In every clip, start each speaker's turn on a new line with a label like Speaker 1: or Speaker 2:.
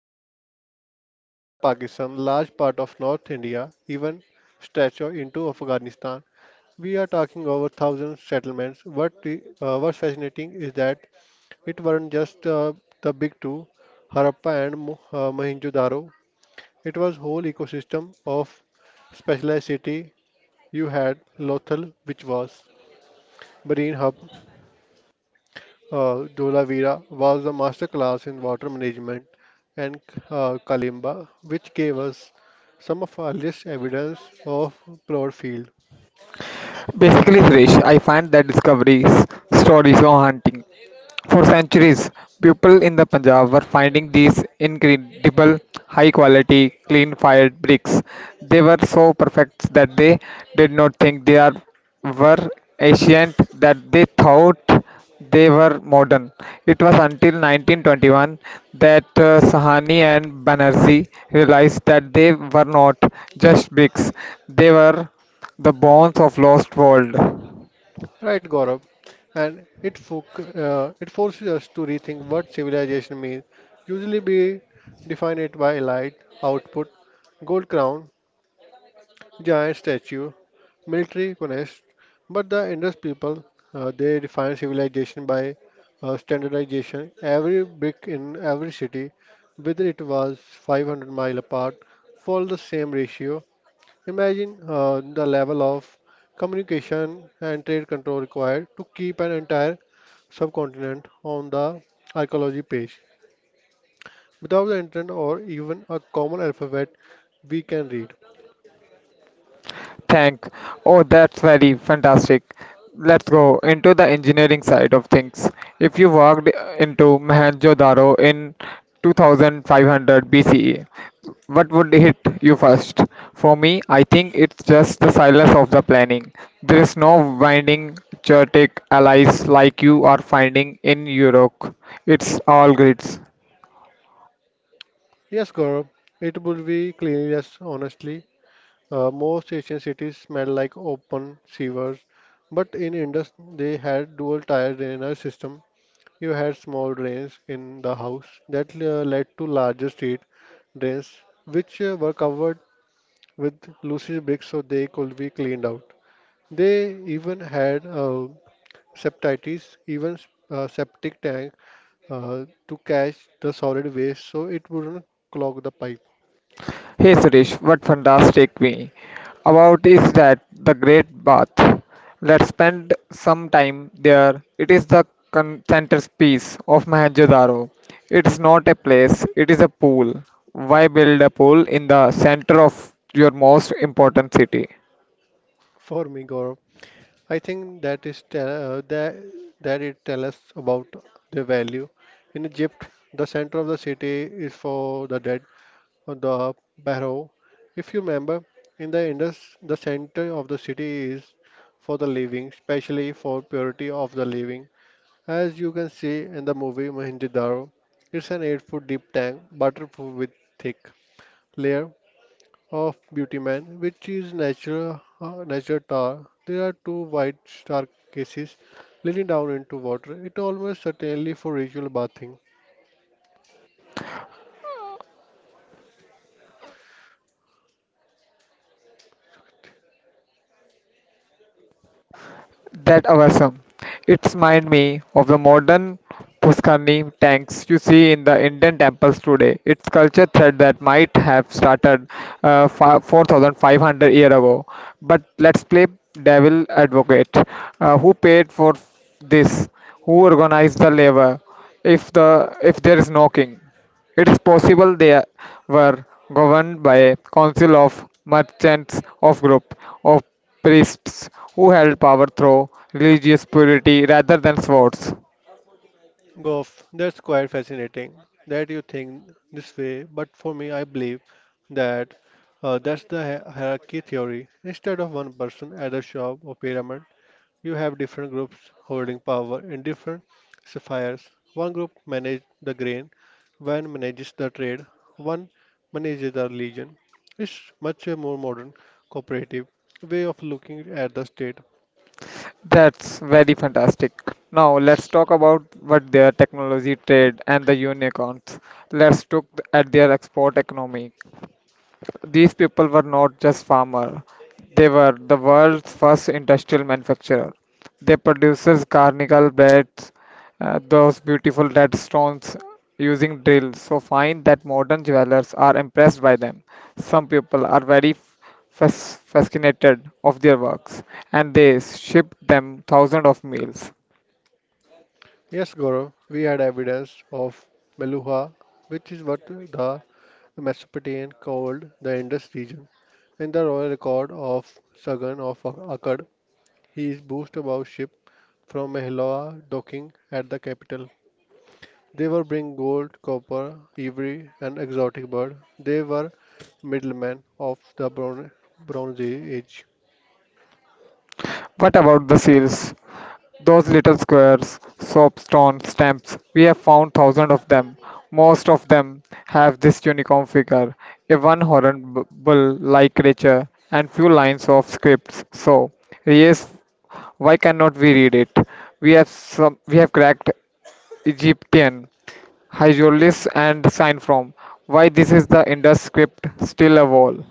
Speaker 1: cover most of Pakistan, large part of North India, even stretch into Afghanistan. We are talking over thousand settlements. What's fascinating is that it weren't just the big two, Harappa and Mohenjo-daro. It was whole ecosystem of specialized city. You had Lothal, which was marine hub. Dolavira was a master class in water management and Kalimba, which gave us some of our earliest evidence of plot field.
Speaker 2: Basically, Suresh, I find that discoveries stories so haunting. For centuries, people in the Punjab were finding these incredible, high quality, clean fired bricks. They were so perfect that they did not think they were ancient, that they thought they were modern. It was until 1921 that Sahani and Banerjee realized that they were not just bricks, they were the bones of lost world.
Speaker 1: Right, Gaurav? And it, fo- it forces us to rethink what civilization means. Usually, we define it by elite, output, gold crown, giant statue, military punished, but the Indus people, they defined civilization by standardization. Every brick in every city, whether it was 500-mile apart, followed the same ratio. Imagine the level of communication and trade control required to keep an entire subcontinent on the archaeology page. Without the internet or even a common alphabet we can read.
Speaker 2: Thank. Oh, that's very fantastic. Let's go into the engineering side of things. If you walked into Mohenjo-daro in 2500 BCE, what would hit you first? For me, I think it's just the silence of the planning. There is no winding chaotic allies like you are finding in Europe. It's all grids.
Speaker 1: Yes, Gaurav, it would be cleanliness, honestly. Most Asian cities smell like open sewers, but in Indus, they had dual tire drainage system. You had small drains in the house that led to larger street drains, which were covered with loose bricks so they could be cleaned out. They even had septitis, even septic tank to catch the solid waste so it wouldn't clog the pipe.
Speaker 2: Hey Suresh, what fantastic me about is that the great bath. Let's spend some time there. It is the centerpiece of Mohenjo-daro. It's not a place, it is a pool. Why build a pool in the center of your most important city?
Speaker 1: For me, Gaurav, I think that is te- that that it tell us about the value. In Egypt, the center of the city is for the dead, or the barrow. If you remember, in the Indus, the center of the city is for the living, especially for purity of the living. As you can see in the movie Mohenjo-daro, it's an eight-foot deep tank, waterproof with thick layer of Beauty Man, which is natural nature tar. There are two white staircases leading down into water. It almost certainly for ritual bathing.
Speaker 2: That awesome. It's remind me of the modern Pushkani tanks you see in the Indian temples today. It's culture thread that might have started 4,500 year ago. But let's play devil advocate. Who paid for this? Who organized the labor? If there is no king. It is possible they were governed by a council of merchants of group of priests who held power through religious purity rather than swords.
Speaker 1: Goff, that's quite fascinating that you think this way, but for me, I believe that that's the hierarchy theory. Instead of one person at the shop or pyramid, you have different groups holding power in different spheres. One group manages the grain, one manages the trade, one manages the religion. It's much a more modern, cooperative way of looking at the state.
Speaker 2: That's very fantastic. Now let's talk about what their technology trade and the unicorns. Let's look at their export economy. These people were not just farmers, they were the world's first industrial manufacturer. They produced carnival beds, those beautiful red stones using drills, so fine that modern jewelers are impressed by them. Some people are very fascinated of their works and they ship them thousands of meals.
Speaker 1: Yes, Gaurav, we had evidence of Meluha, which is what the Mesopotamian called the Indus region. In the royal record of Sagan of Akkad, he is boasted about ship from Mehlawa docking at the capital. They were bring gold, copper, ivory, and exotic bird. They were middlemen of the Bronze Age.
Speaker 2: What about the seals? Those little squares, soapstone stamps, we have found thousands of them. Most of them have this unicorn figure, a one horrible like creature, and few lines of scripts. So, yes, why cannot we read it? We have cracked Egyptian, Hieroglyphs and sign from. Why this is the Indus script still a wall?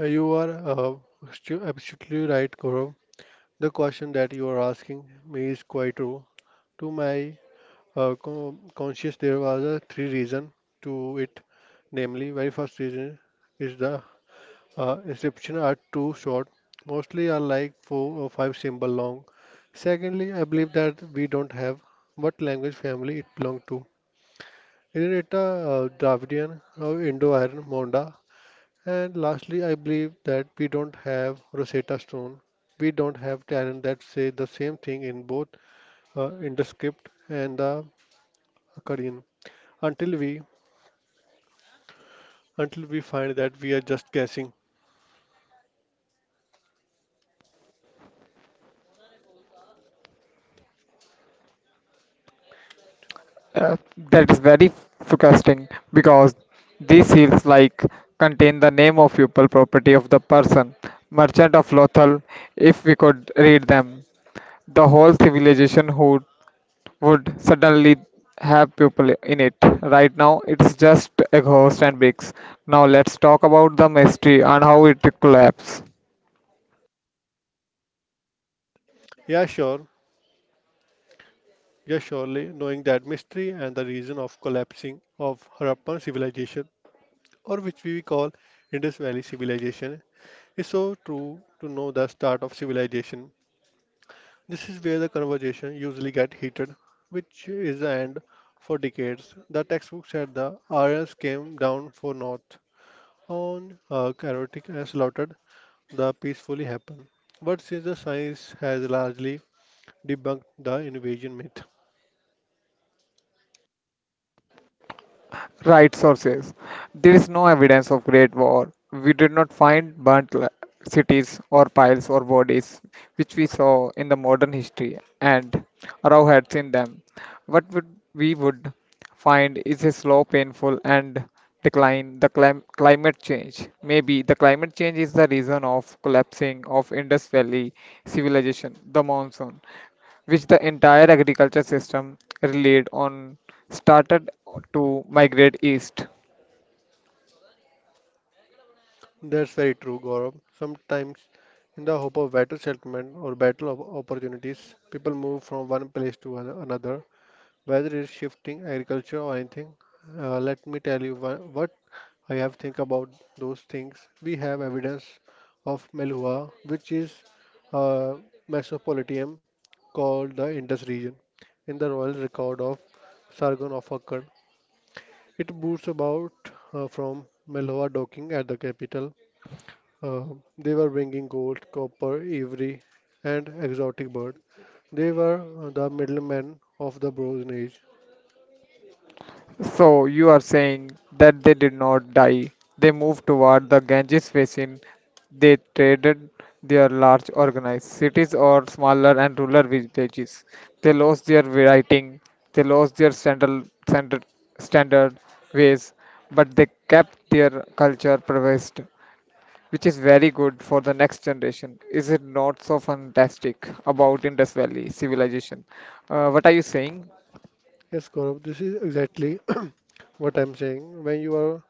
Speaker 1: You are absolutely right, Gaurav. The question that you are asking me is quite true. To my conscious, there was a three reason to it. Namely, very first reason is the inscriptions are too short, mostly are like four or five symbol long. Secondly, I believe that we don't have what language family it belongs to. Is it a Dravidian or Indo-Aryan Monda? And lastly, I believe that we don't have Rosetta Stone. We don't have talent that say the same thing in both in the script and the Akkadian. Until we until we find that we are just guessing.
Speaker 2: Uh, that is very frustrating because these seals like contain the name of pupil property of the person merchant of lothal if we could read them the whole civilization who would suddenly have people in it right now it's just a ghost and bricks now let's talk about the mystery and how it collapsed.
Speaker 1: Yeah, sure. Yes, surely, knowing that mystery and the reason of collapsing of Harappan civilization, or which we call Indus Valley civilization, is so true to know the start of civilization. This is where the conversation usually get heated, which is the end for decades. The textbook said the Aryans came down for north on chaotic and slaughtered the peacefully happen. But since the science has largely debunked the invasion myth,
Speaker 2: Right sources. There is no evidence of Great War. We did not find burnt cities or piles or bodies, which we saw in the modern history, and Rao had seen them. What would we would find is a slow, painful, and decline. The climate change. Maybe the climate change is the reason of collapsing of Indus Valley civilization. The monsoon which the entire agriculture system relied on, started to migrate east.
Speaker 1: that's very true, Gaurav. Sometimes, in the hope of better settlement or better opportunities, people move from one place to another, whether it's shifting agriculture or anything. Let me tell you what I have think about those things. We have evidence of Melhua, which is a mesopotamia called the Indus region, in the royal record of Sargon of Akkad. It boots about from Melhua docking at the capital uh, they were bringing gold, copper, ivory, and exotic bird. They were the middlemen of the Bronze Age.
Speaker 2: So you are saying that they did not die. They moved toward the Ganges basin. They traded their large organized cities or smaller and rural villages. They lost their writing. They lost their standard ways, but they kept their culture preserved, which is very good for the next generation. Is it not so fantastic about Indus Valley civilization? What are you saying?
Speaker 1: Yes, Gaurav, this is exactly what I'm saying. When you are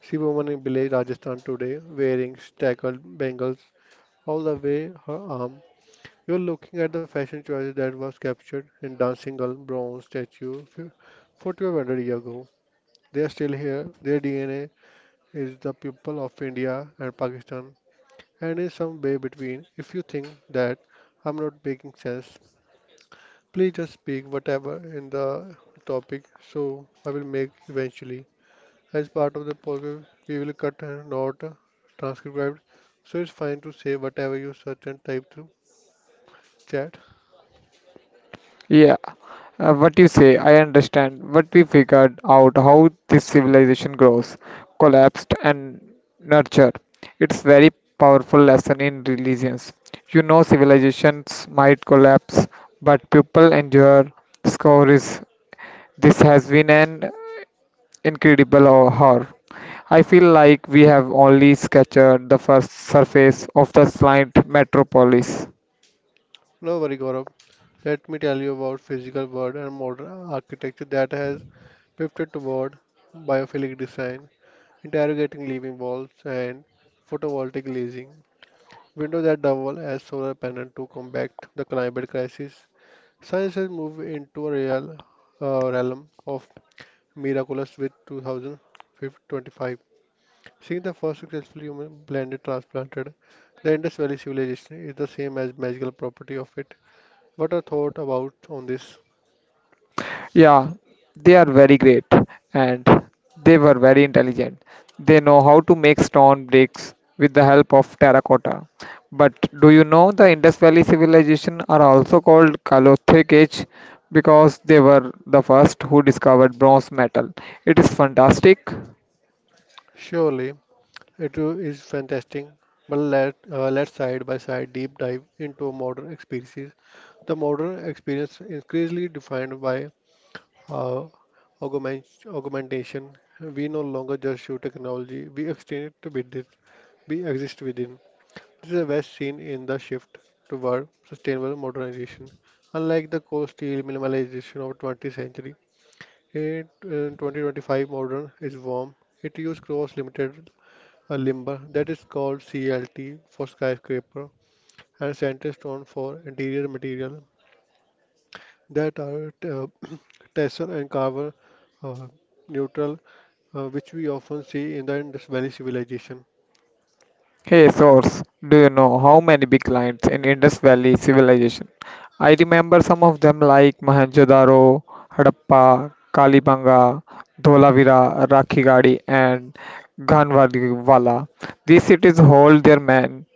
Speaker 1: see woman in village Rajasthan today wearing stackled bangles all the way her arm, you're looking at the fashion choices that was captured in Dancing Girl bronze statue 4,200 years ago. They are still here. Their DNA is the people of India and Pakistan and is some way between. If you think that I'm not making sense, please just speak whatever in the topic so I will make eventually. As part of the program, we will cut and not transcribed, so it's fine to say whatever you search and type through chat.
Speaker 2: Yeah, what you say, I understand. But we figured out how this civilization grows, collapsed, and nurture. It's very powerful lesson in religions. You know, civilizations might collapse, but people endure. Discoveries. This has been an incredible or horror. I feel like we have only sketched the first surface of the slight metropolis.
Speaker 1: No worry, Gaurav. Let me tell you about physical world and modern architecture that has pivoted toward biophilic design, interrogating living walls and photovoltaic leasing. Windows that double as solar panel to combat the climate crisis. Science has moved into a real realm of miraculous with 2025. Seeing the first successful human planet transplanted, the Indus Valley civilization is the same as magical property of it. What are thought about on this?
Speaker 2: Yeah, they are very great and they were very intelligent. They know how to make stone bricks with the help of terracotta. But do you know the Indus Valley civilization are also called Kalothic Age because they were the first who discovered bronze metal. It is fantastic.
Speaker 1: Surely it is fantastic, but let's side by side deep dive into modern experiences the modern experience increasingly defined by uh, augmentation. We no longer just shoot technology, we extend it with it, we exist within. This is a best seen in the shift toward sustainable modernization. Unlike the cold steel minimalization of 20th century, in 2025 modern is warm. It uses cross limited limber that is called CLT for skyscraper and center stone for interior material that are tessel and carbon uh, neutral which we often see in the Indus Valley civilization.
Speaker 2: Hey source, do you know how many big lines in Indus Valley civilization? I remember some of them like Mohenjo-daro, Harappa, Kalibanga, Dholavira, Rakhigadi and Ganwalwala. These cities hold their men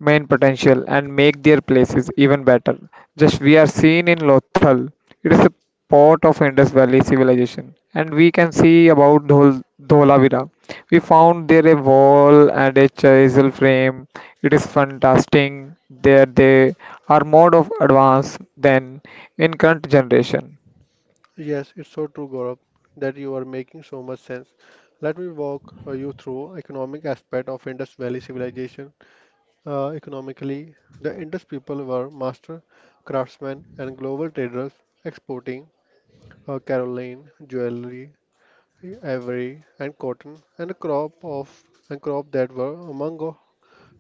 Speaker 2: main potential and make their places even better. Just we are seen in Lothal. It is a part of Indus Valley civilization. And we can see about Dholavira. We found there a wall and a chisel frame. It is fantastic that they are more of advanced than in current generation.
Speaker 1: Yes, it's so true, Gaurav, that you are making so much sense. Let me walk you through economic aspect of Indus Valley civilization. Economically, the Indus people were master craftsmen and global traders, exporting caroline, jewelry, ivory, and cotton, and crop that were among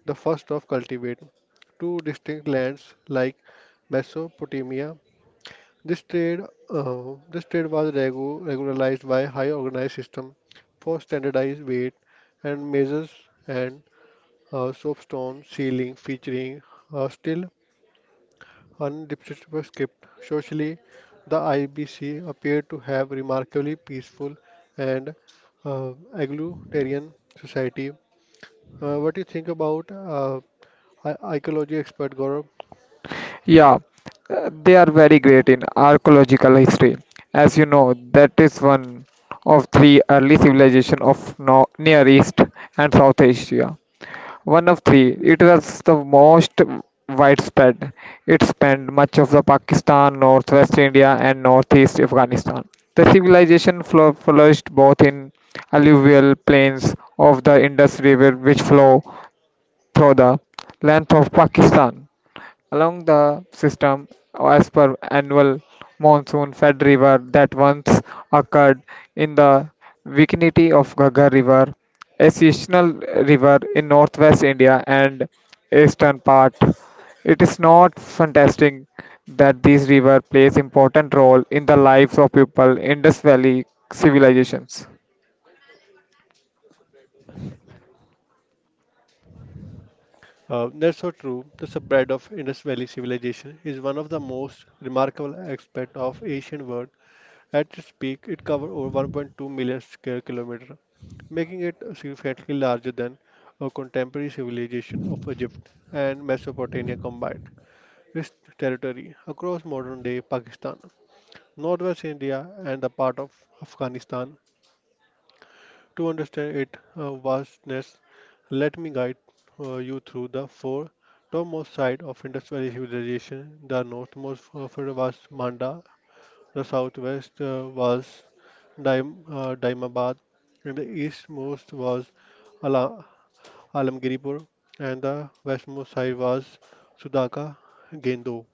Speaker 1: the first of cultivated two distinct lands like Mesopotamia. This trade, this trade was regularized by high organized system for standardized weight and measures and soapstone ceiling featuring a still undecipherable script. Socially, the IBC appeared to have remarkably peaceful and uh, egalitarian society. What do you think about ecology expert, Gaurav?
Speaker 2: Yeah, they are very great in archaeological history. As you know, that is one of three early civilization of Near East and South Asia. One of three, it was the most widespread. It spanned much of the Pakistan, northwest India, and northeast Afghanistan. The civilization flourished both in alluvial plains of the Indus River, which flow through the length of Pakistan. Along the system, as per annual monsoon fed river that once occurred in the vicinity of Ghaggar River, a seasonal river in northwest India and eastern part. It is not fantastic that these rivers plays important role in the lives of people in Indus Valley civilizations.
Speaker 1: That's so true. The spread of Indus Valley civilization is one of the most remarkable aspects of ancient world. At its peak, it covered over 1.2 million square kilometers, making it significantly larger than a contemporary civilization of Egypt and Mesopotamia combined. Its territory across modern-day Pakistan, northwest India, and a part of Afghanistan to understand its vastness, let me guide you through the four topmost sides of industrial civilization. The northmost for was Manda, the southwest was Daimabad, and the eastmost was Ala- Alamgiripur, and the westmost side was Sudaka Gendo.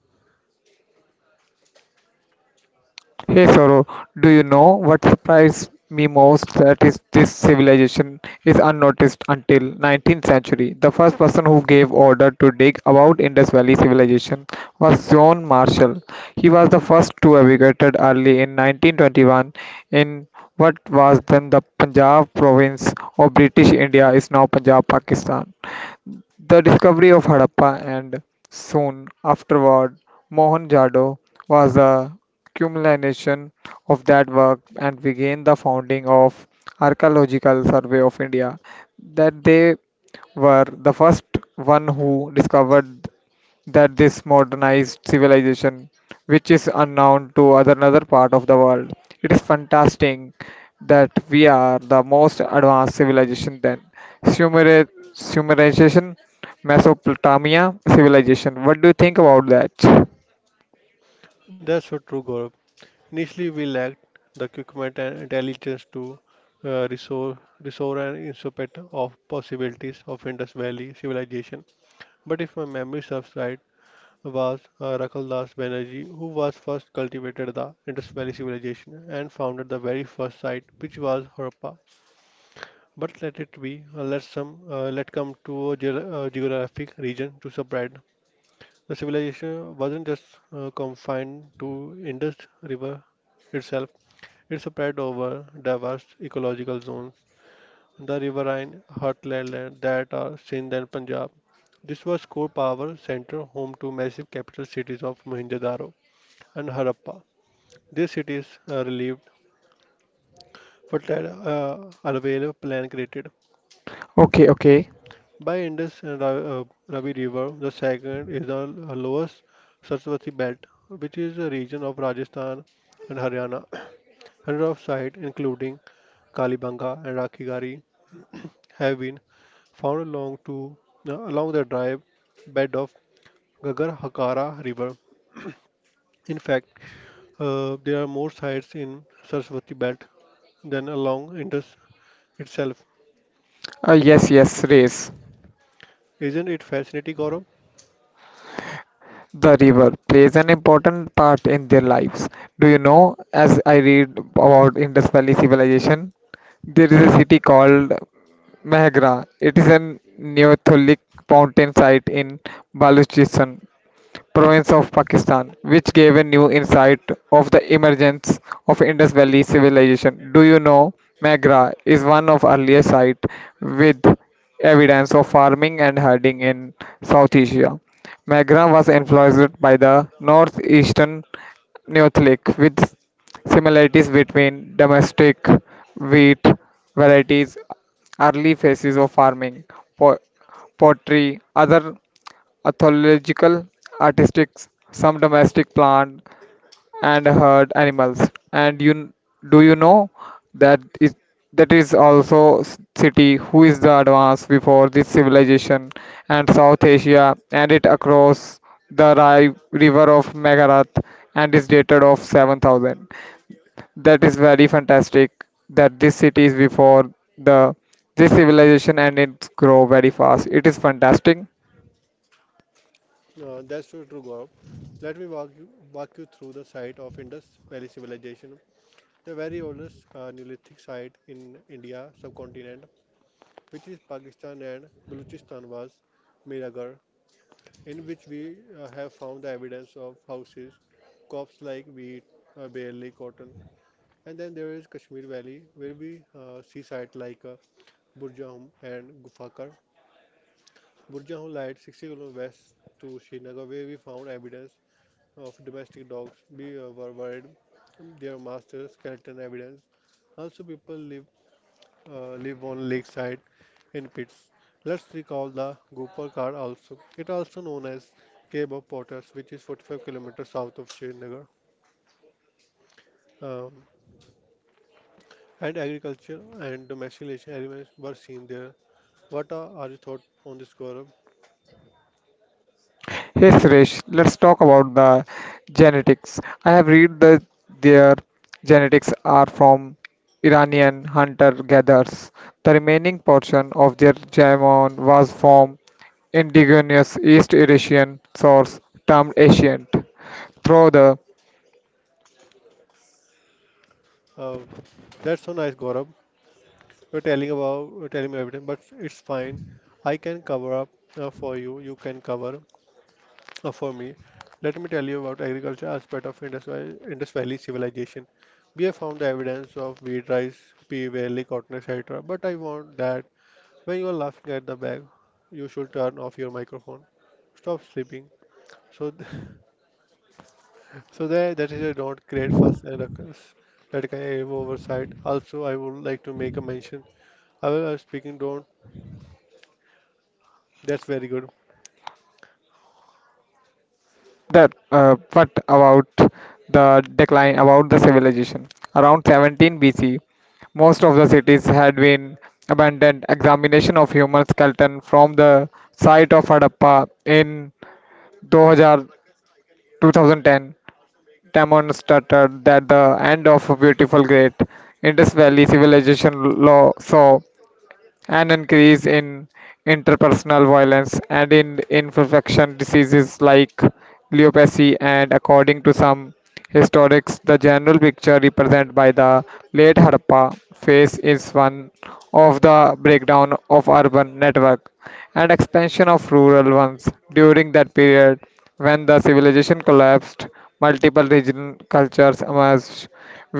Speaker 2: Hey Sorrow, do you know what surprised me most? That is, this civilization is unnoticed until 19th century. The first person who gave order to dig about Indus Valley civilization was John Marshall. He was the first to emigrated early in 1921 in what was then the Punjab province of British India is now Punjab, Pakistan. The discovery of Harappa and, soon afterward, Mohenjo-daro was the culmination of that work and began the founding of Archaeological Survey of India, that they were the first one who discovered that this modernized civilization, which is unknown to other another part of the world, it is fantastic that we are the most advanced civilization then. Sumer- Sumerization, Mesopotamia civilization. What do you think about that?
Speaker 1: That's what true. Initially, we lacked the equipment and intelligence to restore an insight of possibilities of Indus Valley civilization. But if my memory serves right, was Rakal Das Banerjee who was first cultivated the Indus Valley civilization and founded the very first site, which was Harappa. But let it be, let come to a geographic region to spread. The civilization wasn't just confined to Indus River itself. It spread over diverse ecological zones, the riverine heartland that are Sindh and Punjab. This was core power center home to massive capital cities of Mohenjo-daro and Harappa. These cities relieved fertile Alvela plan created.
Speaker 2: Okay, okay.
Speaker 1: By Indus and Ravi River, the second is the lowest Saraswati belt, which is a region of Rajasthan and Haryana. Hundreds of sites, including Kalibanga and Rakigari, have been found along the dry bed of Gagar Hakara River. In fact, there are more sites in Saraswati belt than along Indus itself.
Speaker 2: Yes, yes, race.
Speaker 1: Isn't it fascinating, Gaurav?
Speaker 2: The river plays an important part in their lives. Do you know, as I read about Indus Valley civilization, there is a city called Meghra. It is a Neolithic mountain site in Baluchistan province of Pakistan, which gave a new insight of the emergence of Indus Valley civilization. Do you know Megra is one of earliest site with evidence of farming and herding in South Asia. Megra was influenced by the northeastern Neolithic with similarities between domestic wheat varieties, early phases of farming, po- pottery, other Ornithological, artistic, some domestic plant and herd animals. And you do you know that is that is also city who is the advance before this civilization and South Asia and it across the Rai river of Megarath and is dated of 7000. That is very fantastic that this city is before the this civilization and it's grow very fast. It is fantastic.
Speaker 1: That's so true, Gaurav. Let me walk you through the site of Indus Valley Civilization, the very oldest Neolithic site in India subcontinent, which is Pakistan and Balochistan, was Miragar, in which we have found the evidence of houses, crops like wheat, barley, cotton. And then there is Kashmir Valley, where we see sites like Burjahum and Gufakar. Burjahum lies 60 km west to Srinagar, where we found evidence of domestic dogs. We were worried their masters, skeleton evidence. Also, people live on lakeside in pits. Let's recall the Gopal Kar also. It also known as Cave of Potters, which is 45 kilometers south of Srinagar. Um, and agriculture and domestication animals were seen there. What are your thoughts on this, Gaurav?
Speaker 2: Hey Suresh, let's talk about the genetics. I have read that their genetics are from Iranian hunter-gatherers. The remaining portion of their genome was from indigenous East Eurasian source termed ancient. Through the
Speaker 1: Uh, that's so nice, Gaurav. You're telling me everything, but it's fine. I can cover up for you. You can cover. For me, let me tell you about agriculture aspect of Indus Valley, Indus Valley civilization. We have found the evidence of wheat, rice, pea, barley, cotton, etc. But I want that when you are laughing at the bag, you should turn off your microphone. Stop sleeping. So, th- so that is a don't create fuss and ruckus. That kind of oversight. Also, I would like to make a mention. I was speaking don't. That's very good.
Speaker 2: that but about the decline about the civilization around 17 BC most of the cities had been abandoned examination of human skeleton from the site of Harappa in 2000 2010 demonstrated that the end of a beautiful great Indus Valley civilization law saw an increase in interpersonal violence and in infection diseases like leprosy and according to some historians the general picture represented by the late harappa phase is one of the breakdown of urban network and expansion of rural ones during that period when the civilization collapsed multiple regional cultures emerged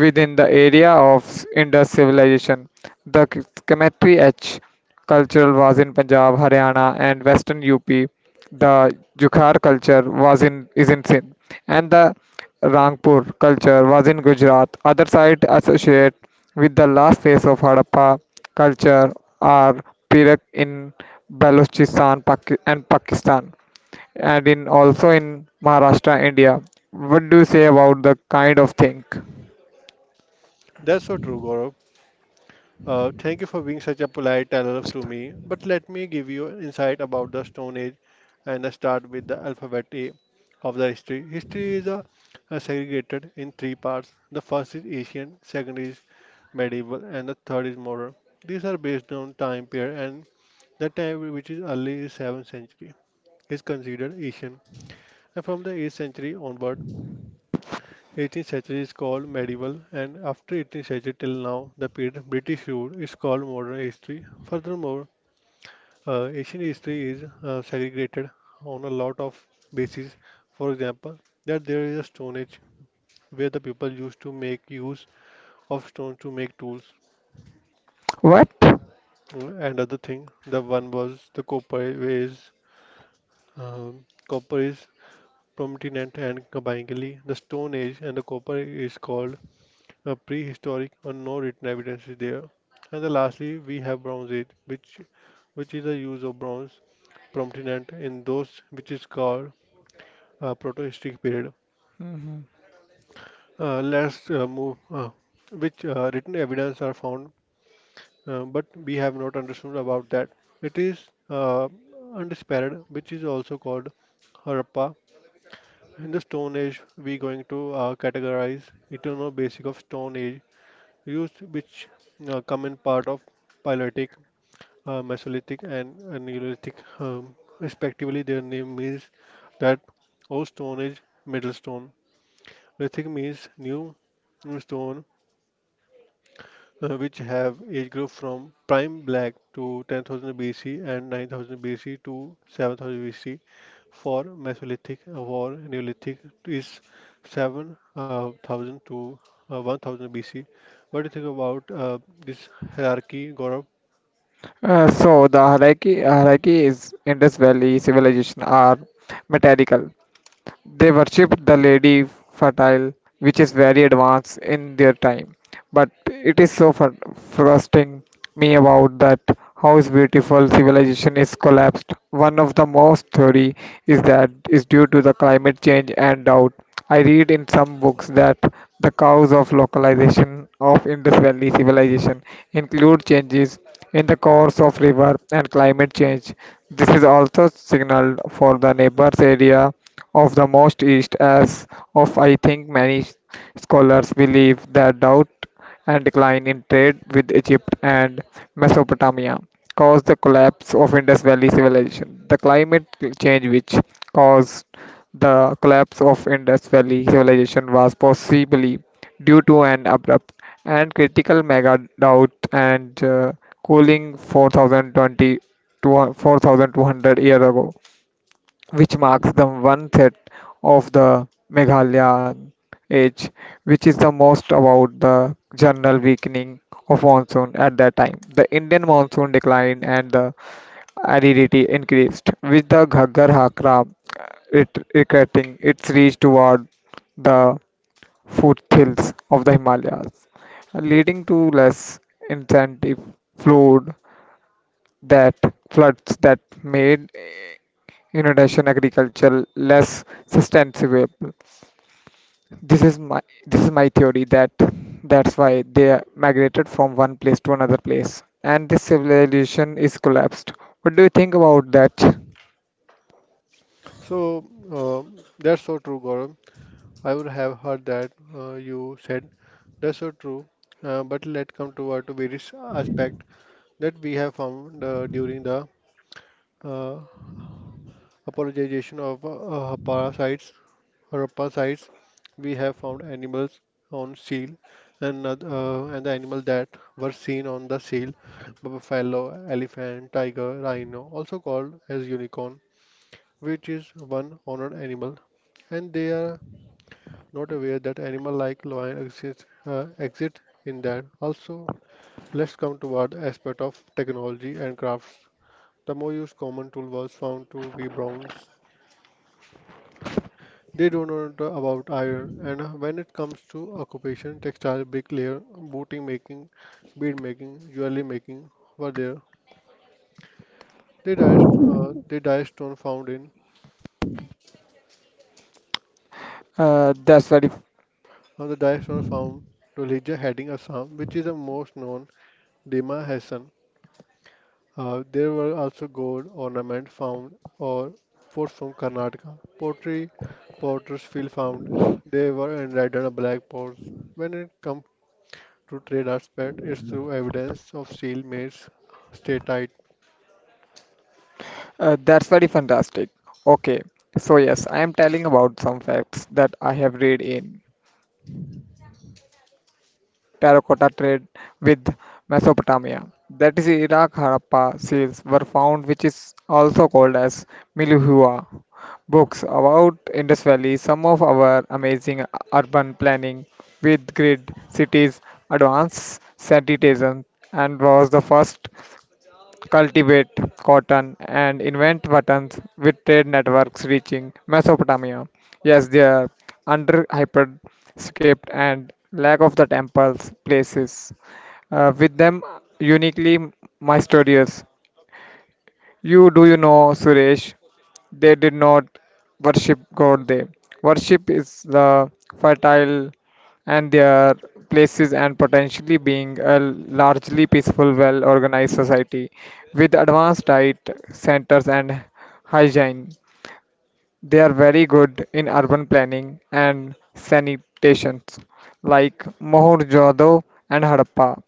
Speaker 2: within the area of indus civilization the Kemetri H culture was in Punjab, Haryana, and Western UP. The Jukhar culture was in is in Sindh, and the Rangpur culture was in Gujarat. Other sites associated with the last phase of Harappa culture are Perak in Balochistan and Pakistan, and in also in Maharashtra, India. What do you say about the kind of thing?
Speaker 1: That's so true, Gaurav. Thank you for being such a polite analyst to me, but let me give you insight about the Stone Age and I start with the alphabet A of the history. History is segregated in three parts. The first is ancient, second is medieval, and the third is modern. These are based on time period, and the time which is early is 7th century is considered ancient, and from the 8th century onward, 18th century is called medieval and after 18th century till now the period British rule is called modern history. Furthermore, Asian history is segregated on a lot of bases. For example, that there is a stone age where the people used to make use of stone to make tools
Speaker 2: What?
Speaker 1: and other thing. The one was the copper is prominent and combinedly the stone age and the copper is called a prehistoric or no written evidence is there. And then lastly, we have Bronze Age, which is the use of bronze prominent in those which is called protohistoric period. Let's move, which written evidence are found, but we have not understood about that. It is undisputed, which is also called Harappa. In the Stone Age, we going to categorize eternal basic of Stone Age, used which come in part of Paleolithic, Mesolithic and Neolithic, respectively. Their name means that old stone age, middle stone. Lithic means new, new stone, which have age group from prime black to 10,000 BC and 9,000 BC to 7,000 BC. For Mesolithic or Neolithic is 7,000 to 1,000 BC. What do you think about this hierarchy, Gaurav?
Speaker 2: So the hierarchy is Indus Valley civilization are methodical. They worshipped the Lady Fertile, which is very advanced in their time. But it is so frustrating me about that how is beautiful civilization is collapsed. One of the most theory is that is due to the climate change and drought. I read in some books that the cause of localization of Indus Valley civilization include changes in the course of river and climate change. This is also signaled for the neighbors area of the most east as of I think many scholars believe that doubt and decline in trade with Egypt and Mesopotamia caused the collapse of Indus Valley civilization. The climate change which caused the collapse of Indus Valley civilization was possibly due to an abrupt and critical mega drought and cooling 4020 to 4200 years ago which marks the one third of the Meghalayan age, which is the most about the general weakening of monsoon at that time. The Indian monsoon declined and the aridity increased, with the Ghaggar Hakra it regretting its reach toward the foothills of the Himalayas, leading to less incentive flood that floods that made eh, inundation agriculture less sustainable. This is my this is my theory that that's why they migrated from one place to another place and this civilization is collapsed. What do you think about that?
Speaker 1: So that's so true, Gaurav. I would have heard that you said that's so true. But let's come to our to various aspect that we have found during the uh, apologization of parasites or parasites. We have found animals on seal and the animal that were seen on the seal, buffalo, elephant, tiger, rhino, also called as unicorn, which is one honored animal and they are not aware that animal like lion exist in that. Also, let's come toward the aspect of technology and crafts. The most used common tool was found to be bronze. They do not know about iron, and when it comes to occupation, textile, bricklayer, booting making, bead making, jewelry making were there. They die, they die stone found in,
Speaker 2: Uh, that's very
Speaker 1: and the die stone found to Elijah heading Assam, which is the most known Dima Hassan. There were also gold ornaments found or pots from Karnataka. Pottery potters still found. They were enlightened on black pots. When it comes to trade aspect, it's through evidence of steel mates. Stay tight.
Speaker 2: that's very fantastic. Okay, so yes, I am telling about some facts that I have read in. Terracotta trade with Mesopotamia. That is Iraq Harappa seals were found which is also called as Milhua. Books about Indus Valley, some of our amazing urban planning with grid cities, advanced sanitation and was the first cultivate cotton, and invent buttons with trade networks reaching Mesopotamia. Yes, their under hyper script and lack of the temples places with them uniquely mysterious. You do you know Suresh? They did not worship God. They worship is the fertile and their places and potentially being a largely peaceful, well organized society with advanced diet centers and hygiene. They are very good in urban planning and sanitation, like Mohenjo-daro and Harappa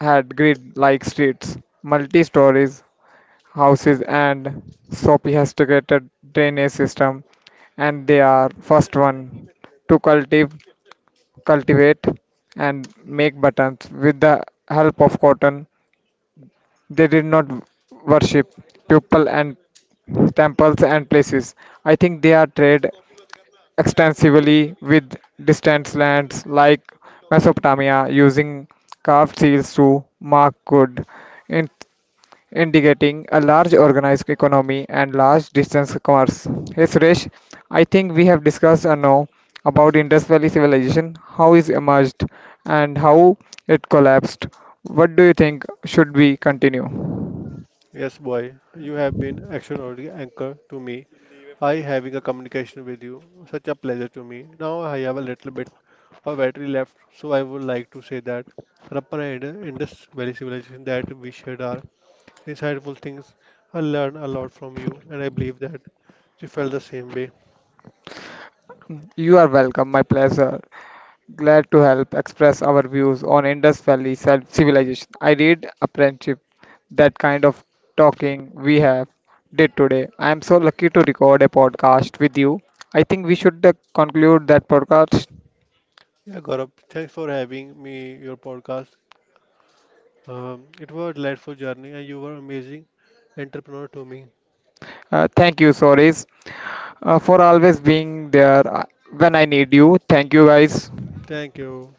Speaker 2: had grid-like streets, multi-stories houses and sophisticated drainage system, and they are first one to cultivate, and make buttons with the help of cotton. They did not worship people and temples and places. I think they are trade extensively with distant lands like Mesopotamia using carved seals to mark good indicating a large organized economy and large distance commerce. Hey Suresh, I think we have discussed now about Indus Valley civilization, how it emerged and how it collapsed. What do you think should we continue?
Speaker 1: Yes, boy, you have been extraordinary anchor to me. I having a communication with you. Such a pleasure to me. Now I have a little bit of battery left, so I would like to say that Harappan and Indus Valley civilization that we shared our insightful things. I learned a lot from you, and I believe that you felt the same way.
Speaker 2: You are welcome, my pleasure. Glad to help express our views on Indus Valley civilization. I did apprenticeship, that kind of talking we have did today. I am so lucky to record a podcast with you. I think we should conclude that podcast.
Speaker 1: Yeah, Gaurav, thanks for having me your podcast. It was a delightful journey, and you were amazing entrepreneur to me.
Speaker 2: Thank you, Soris, for always being there when I need you. Thank you, guys.
Speaker 1: Thank you.